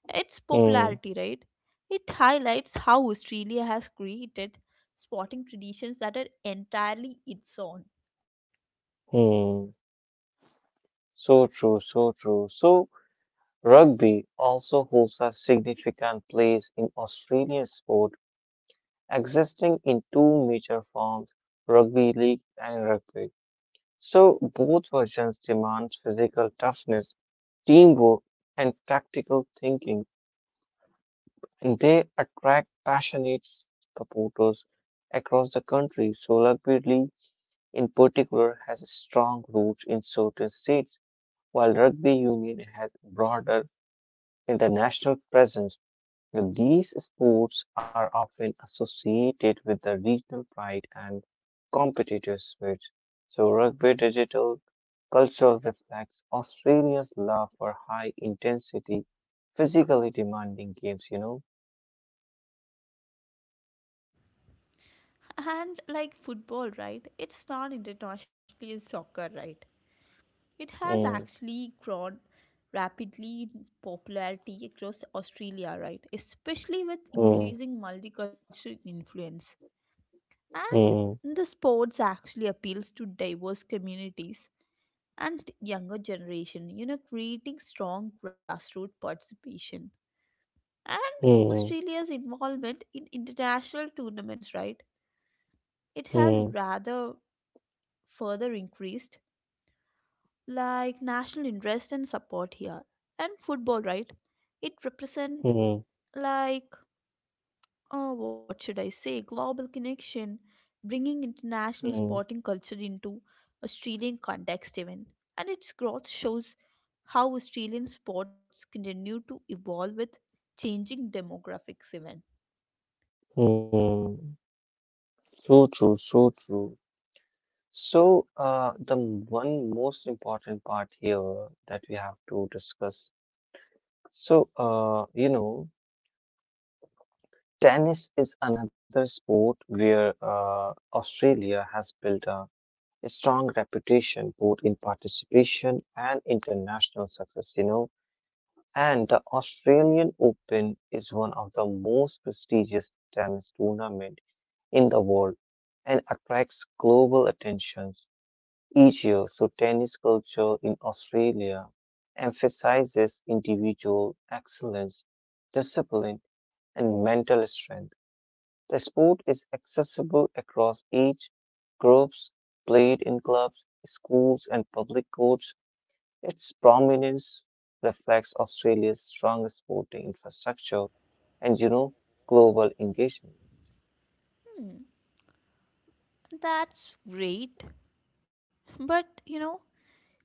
Speaker 1: Its
Speaker 2: Hmm.
Speaker 1: popularity, right? It highlights how Australia has created sporting traditions that are entirely its own.
Speaker 2: Hmm. So true, so true. So, rugby also holds a significant place in Australian sport, existing in two major forms, rugby league and rugby. So both versions demand physical toughness, teamwork, and practical thinking, and they attract passionate supporters across the country. So rugby league, in particular, has strong roots in certain states, while rugby union has broader international presence. These sports are often associated with the regional pride and competitive spirit. So, rugby digital culture reflects Australia's love for high intensity, physically demanding games.
Speaker 1: And like football, right? It's not internationally as soccer, right? It has
Speaker 2: Mm,
Speaker 1: actually grown rapidly in popularity across Australia, right? Especially with
Speaker 2: mm,
Speaker 1: increasing multicultural influence.
Speaker 2: mm,
Speaker 1: And the sports actually appeals to diverse communities and younger generation, you know, creating strong grassroots participation. And
Speaker 2: mm,
Speaker 1: Australia's involvement in international tournaments, right, it has
Speaker 2: mm,
Speaker 1: rather further increased like national interest and support here. And football, right, it represent
Speaker 2: mm,
Speaker 1: like, what should I say, global connection, bringing international
Speaker 2: mm,
Speaker 1: sporting culture into Australian context even. And its growth shows how Australian sports continue to evolve with changing demographics even.
Speaker 2: mm. So true, so true. So, the one most important part here that we have to discuss. So, tennis is another sport where Australia has built a strong reputation both in participation and international success. And the Australian Open is one of the most prestigious tennis tournament in the world and attracts global attention each year. So, tennis culture in Australia emphasizes individual excellence discipline and mental strength. The sport is accessible across age groups, played in clubs, schools, and public courts. Its prominence reflects Australia's strong sporting infrastructure and global engagement.
Speaker 1: Hmm, that's great. But you know,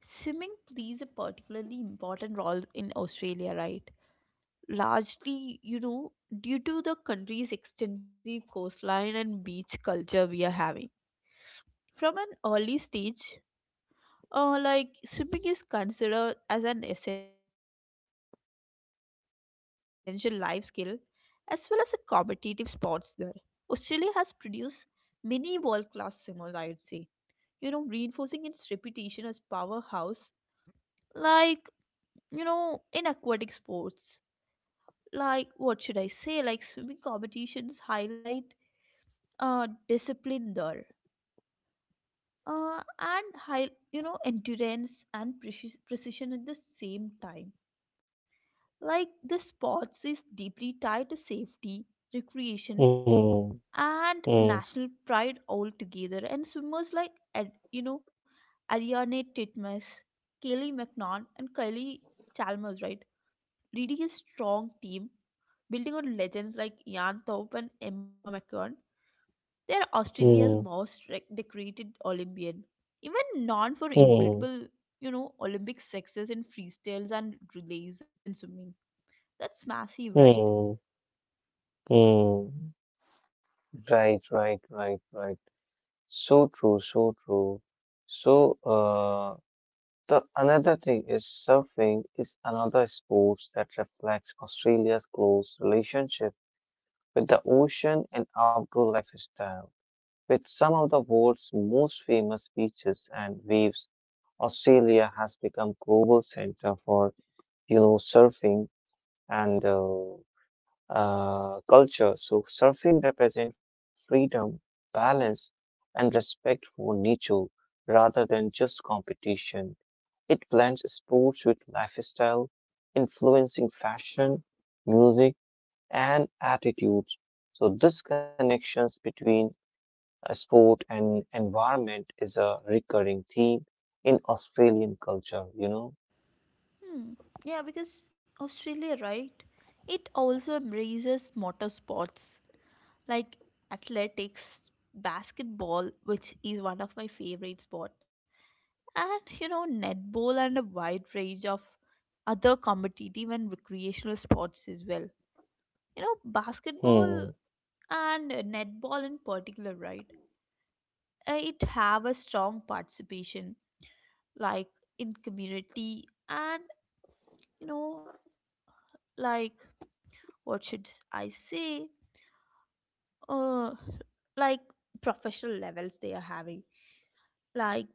Speaker 1: swimming plays a particularly important role in Australia, right? Largely, you know, due to the country's extensive coastline and beach culture we are having. From an early stage, like swimming is considered as an essential life skill as well as a competitive sports there. Australia has produced many world class swimmers, I would say, you know, reinforcing its reputation as powerhouse, like, you know, in aquatic sports. Like, what should I say? Like, swimming competitions highlight discipline there. And high, endurance and precision at the same time. Like the sports is deeply tied to safety, recreation,
Speaker 2: Hmm. Hmm.
Speaker 1: and national pride all together. And swimmers like Ariane Titmus, Kelly McNaught, and Kylie Chalmers, right, leading a strong team, building on legends like Jan Thorpe and Emma McCann. They are Australia's
Speaker 2: Hmm.
Speaker 1: most decorated Olympian. Even known for
Speaker 2: Hmm.
Speaker 1: incredible, you know, Olympic success in freestyles and relays and swimming. That's massive, right?
Speaker 2: Hmm. Hmm. Right, right, right, right. So true, so true. So, the another thing is surfing is another sport that reflects Australia's close relationship with the ocean and outdoor lifestyle. With some of the world's most famous beaches and waves, Australia has become global center for surfing and culture. So surfing represents freedom, balance, and respect for nature rather than just competition. It blends sports with lifestyle, influencing fashion, music, and attitudes. So this connections between a sport and environment is a recurring theme in Australian culture.
Speaker 1: Hmm. Yeah, because Australia, right? It also embraces motor sports like athletics, basketball, which is one of my favorite sport, and you know netball and a wide range of other competitive and recreational sports as well. You know basketball
Speaker 2: Hmm,
Speaker 1: and netball in particular, right? It have a strong participation, like, in community and, you know, like, what should I say? Uh, like, professional levels they are having. Like,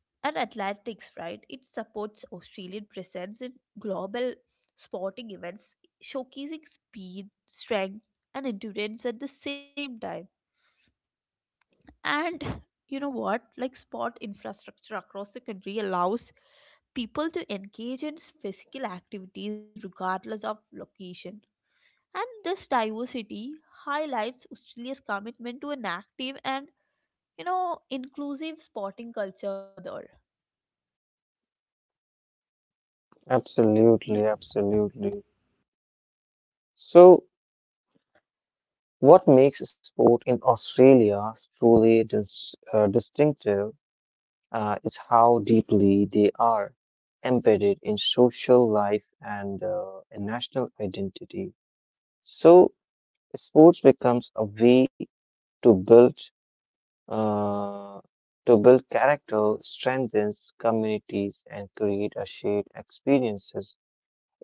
Speaker 1: and athletics, right? It supports Australian presence in global sporting events, showcasing speed, strength, and endurance at the same time. And you know what? Like sport infrastructure across the country allows people to engage in physical activities regardless of location. And this diversity highlights Australia's commitment to an active and, you know, inclusive sporting culture there. Yeah.
Speaker 2: absolutely, absolutely. So what makes sport in Australia truly distinctive is how deeply they are embedded in social life and in national identity. So, sports becomes a way to build uh, character, strengthens communities, and create a shared experiences.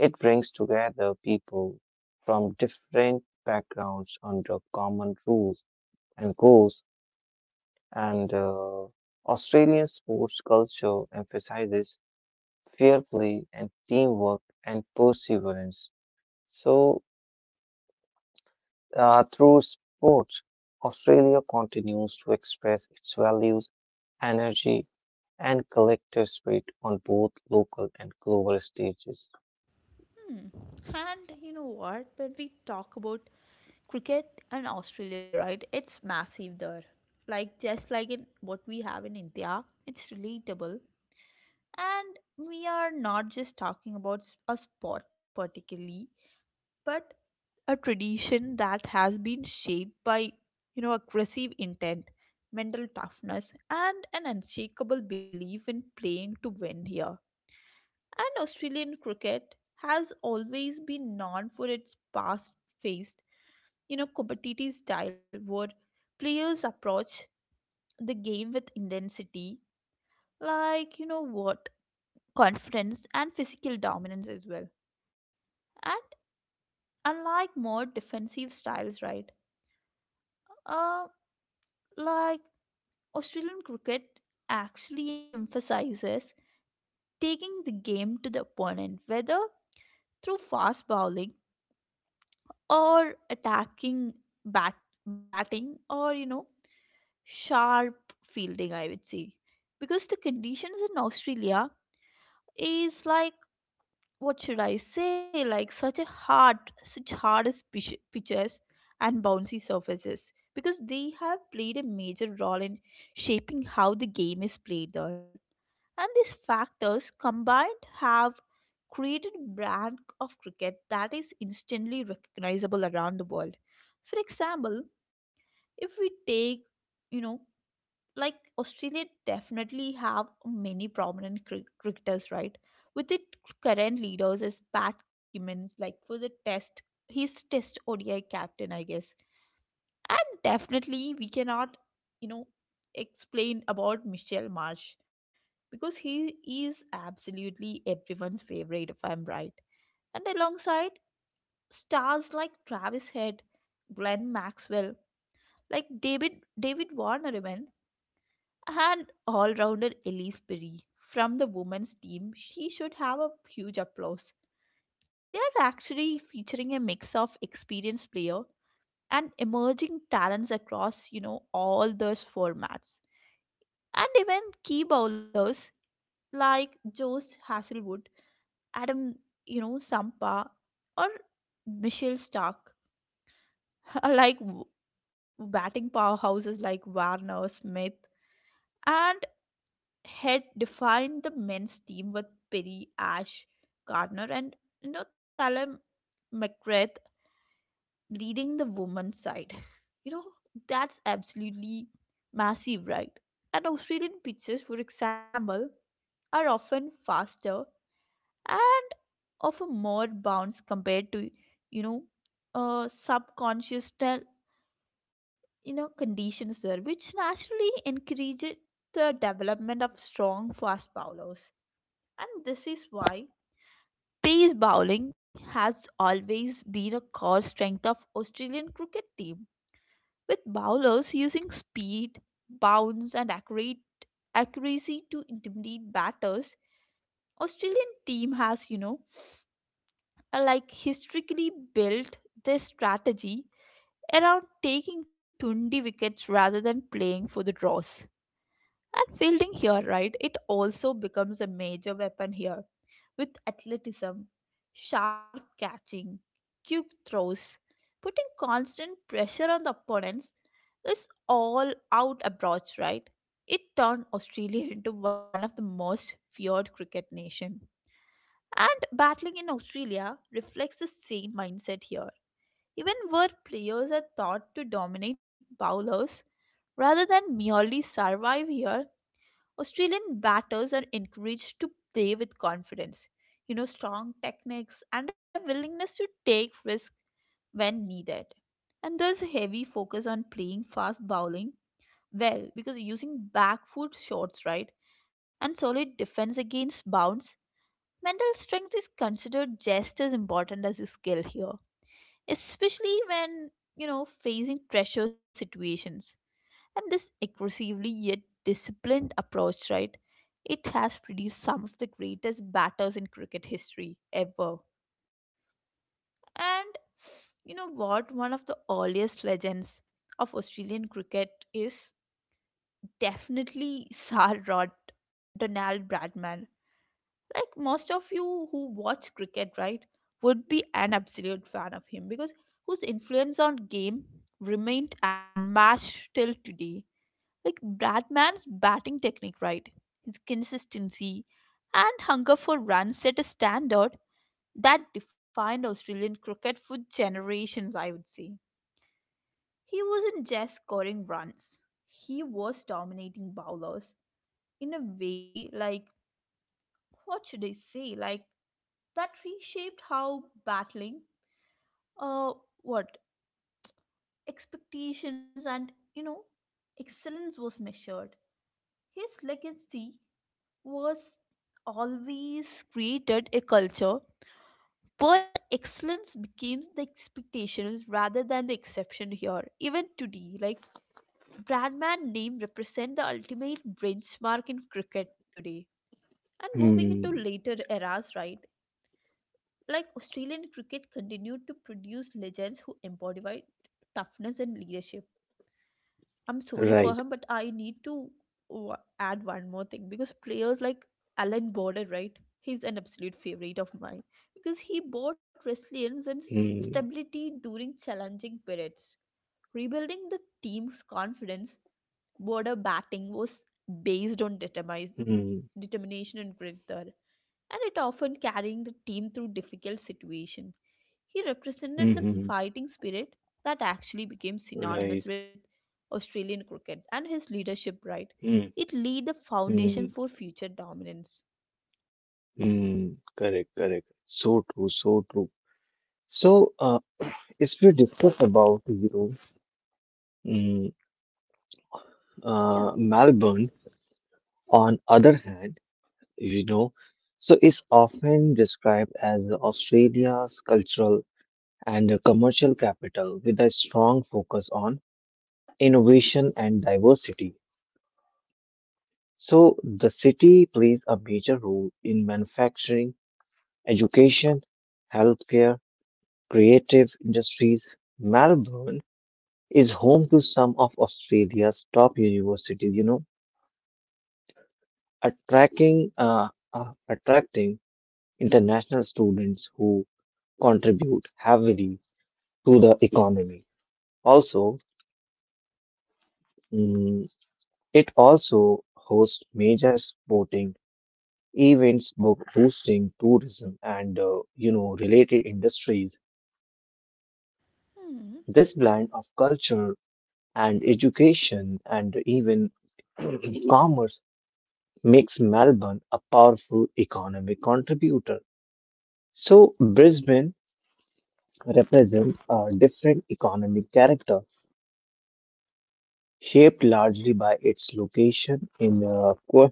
Speaker 2: It brings together people from different backgrounds under common rules and goals and Australian sports culture emphasizes fearfully and teamwork and perseverance. So, through sports, Australia continues to express its values, energy, and collective spirit on both local and global stages.
Speaker 1: Hmm. And you know what? When we talk about cricket and Australia, right? It's massive there. Like just like in what we have in India, it's relatable. And we are not just talking about a sport particularly, but a tradition that has been shaped by, you know, aggressive intent, mental toughness, and an unshakable belief in playing to win here. And Australian cricket has always been known for its past faced, you know, competitive style, where players approach the game with intensity, like, you know what, confidence and physical dominance as well. And unlike more defensive styles, right, uh like, Australian cricket actually emphasizes taking the game to the opponent, whether through fast bowling or attacking bat- batting or, you know, sharp fielding, I would say. Because the conditions in Australia is like, what should I say, like such a hard, such hardest pitches and bouncy surfaces. Because they have played a major role in shaping how the game is played there. And these factors combined have created a brand of cricket that is instantly recognizable around the world. For example, if we take, you know, like Australia definitely have many prominent cricketers, right? With its current leaders as Pat Cummins, like for the test, he's test ODI captain, I guess. And definitely we cannot, you know, explain about Michelle Marsh, because he is absolutely everyone's favorite, if I'm right. And alongside stars like Travis Head, Glenn Maxwell, like David, David Warner even, and all-rounder Elise Perry from the women's team, she should have a huge applause. They are actually featuring a mix of experienced player and emerging talents across, you know, all those formats. And even key bowlers like Josh Hasselwood, Adam, you know, Sampa, or Michelle Stark are like batting powerhouses like Warner, Smith, and Head defined the men's team, with Perry, Ash Gardner, and, you know, Talem McGrath reading the woman's side. You know, that's absolutely massive, right? And Australian pictures, for example, are often faster and of a more bounce compared to, you know, subconscious, you know, conditions there, which naturally encourages the development of strong fast bowlers. And this is why pace bowling has always been a core strength of Australian cricket team, with bowlers using speed, bounce, and accurate accuracy to intimidate batters. Australian team has, you know, like, historically built their strategy around taking 20 wickets rather than playing for the draws. And fielding here, right? It also becomes a major weapon here, with athleticism, sharp catching, quick throws, putting constant pressure on the opponents. This all out approach, right? It turned Australia into one of the most feared cricket nation. And battling in Australia reflects the same mindset here. Even where players are thought to dominate bowlers rather than merely survive here, Australian batters are encouraged to play with confidence, you know, strong techniques and a willingness to take risk when needed. And there's a heavy focus on playing fast bowling well, because using back foot shots, right, and solid defense against bounce, mental strength is considered just as important as a skill here, especially when, you know, facing pressure situations. And this aggressively yet disciplined approach, right? It has produced some of the greatest batters in cricket history ever. And you know what? One of the earliest legends of Australian cricket is definitely Sir Rod Donald Bradman. Like most of you who watch cricket, right, would be an absolute fan of him, because whose influence on game remained unmatched till today. Like Bradman's batting technique, right? His consistency and hunger for runs set a standard that defined Australian cricket for generations, I would say. He wasn't just scoring runs, he was dominating bowlers in a way like, what should I say, like that reshaped how battling, uh, what, expectations and, you know, excellence was measured. His legacy was always created a culture where excellence became the expectations rather than the exception here. Even today, like Bradman name represent the ultimate benchmark in cricket today. And moving into
Speaker 2: Hmm.
Speaker 1: later eras, right? Like Australian cricket continued to produce legends who embodied toughness and leadership. I'm sorry for
Speaker 2: Right.
Speaker 1: him, but I need to w- add one more thing, because players like Alan Border, right? He's an absolute favorite of mine because he brought resilience and
Speaker 2: Hmm.
Speaker 1: stability during challenging periods, rebuilding the team's confidence. Border batting was based on
Speaker 2: Hmm.
Speaker 1: determination and grit there, and it often carrying the team through difficult situations. He represented
Speaker 2: Hmm.
Speaker 1: the
Speaker 2: hmm,
Speaker 1: fighting spirit that actually became
Speaker 2: right.
Speaker 1: synonymous with Australian cricket, and his leadership right.
Speaker 2: Hmm.
Speaker 1: It laid the foundation
Speaker 2: Hmm.
Speaker 1: for future dominance.
Speaker 2: Hmm. Correct. Correct. So true. So true. So, if we discuss about mm,
Speaker 1: Yeah.
Speaker 2: Melbourne, on other hand, you know, so is often described as Australia's cultural and commercial capital with a strong focus on innovation and diversity. So the city plays a major role in manufacturing, education, healthcare, creative industries. Melbourne is home to some of Australia's top universities, attracting attracting international students who contribute heavily to the economy. Also, mm, it also hosts major sporting events, book boosting tourism, and related industries.
Speaker 1: Hmm.
Speaker 2: This blend of culture and education and even commerce makes Melbourne a powerful economic contributor. So Brisbane represent a different economic character, shaped largely by its location in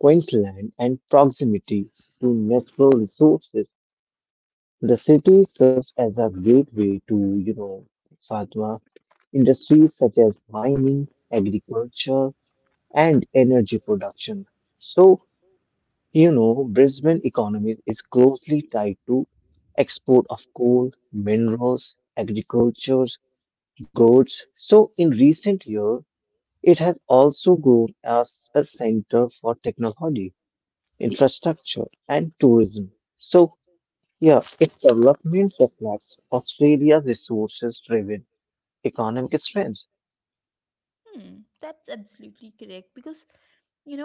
Speaker 2: Queensland and proximity to natural resources. The city serves as a gateway to Fatma, industries such as mining, agriculture, and energy production. So, Brisbane economy is closely tied to export of coal, minerals, agriculture, goods. So in recent years, it has also grown as a center for technology, infrastructure, and tourism. So yeah, its development
Speaker 1: It's,
Speaker 2: reflects Australia's resources-driven economic strengths.
Speaker 1: hmm. That's absolutely correct. Because,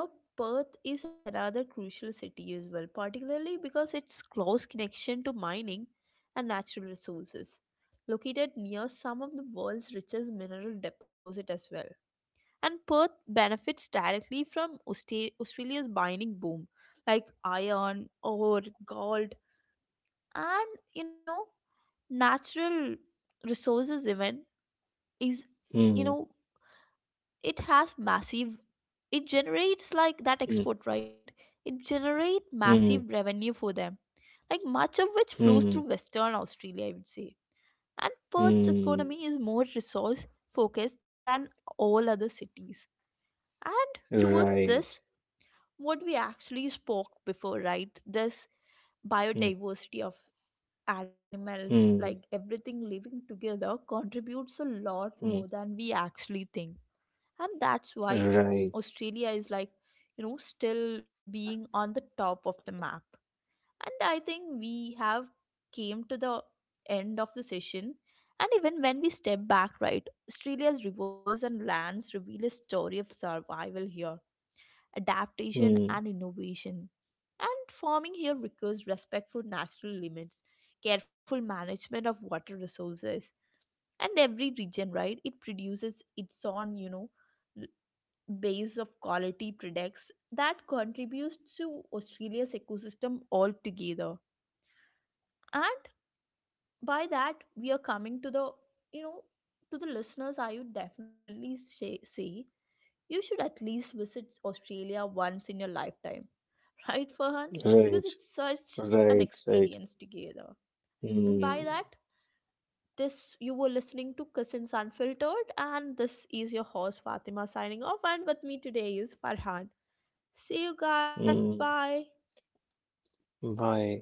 Speaker 1: you know, Perth is another crucial city as well, particularly because its close connection to mining and natural resources, located near some of the world's richest mineral deposit as well. And Perth benefits directly from Australia's mining boom, like iron, ore, gold, and, you know, natural resources even is, you
Speaker 2: Hmm,
Speaker 1: know, it has massive, it generates like
Speaker 2: hmm,
Speaker 1: that export, right, it generate
Speaker 2: hmm,
Speaker 1: massive revenue for them, like much of which flows
Speaker 2: hmm,
Speaker 1: through Western Australia, I would say. And Perth's
Speaker 2: hmm.
Speaker 1: economy is more resource focused than all other cities. And towards
Speaker 2: Right.
Speaker 1: this, what we actually spoke before, right, this
Speaker 2: Hmm,
Speaker 1: biodiversity of animals,
Speaker 2: hmm,
Speaker 1: like everything living together, contributes a lot
Speaker 2: hmm.
Speaker 1: more than we actually think. And that's why
Speaker 2: Right.
Speaker 1: Australia is like, you know, still being on the top of the map. And I think we have came to the end of the session. And even when we step back, right, Australia's rivers and lands reveal a story of survival here, adaptation
Speaker 2: Hmm,
Speaker 1: and innovation. And farming here requires respect for natural limits, careful management of water resources, and every region, right, it produces its own, you know, base of quality products that contributes to Australia's ecosystem altogether. And by that, we are coming to the, you know, to the listeners, I would definitely say, say you should at least visit Australia once in your lifetime, right, Farhan?
Speaker 2: right.
Speaker 1: Because it's such
Speaker 2: Right.
Speaker 1: an
Speaker 2: Right.
Speaker 1: experience together. And by
Speaker 2: Hmm,
Speaker 1: that, this you were listening to Cousins Unfiltered, and this is your host Fatima signing off, and with me today is Farhan. See you guys.
Speaker 2: hmm.
Speaker 1: Bye.
Speaker 2: Bye.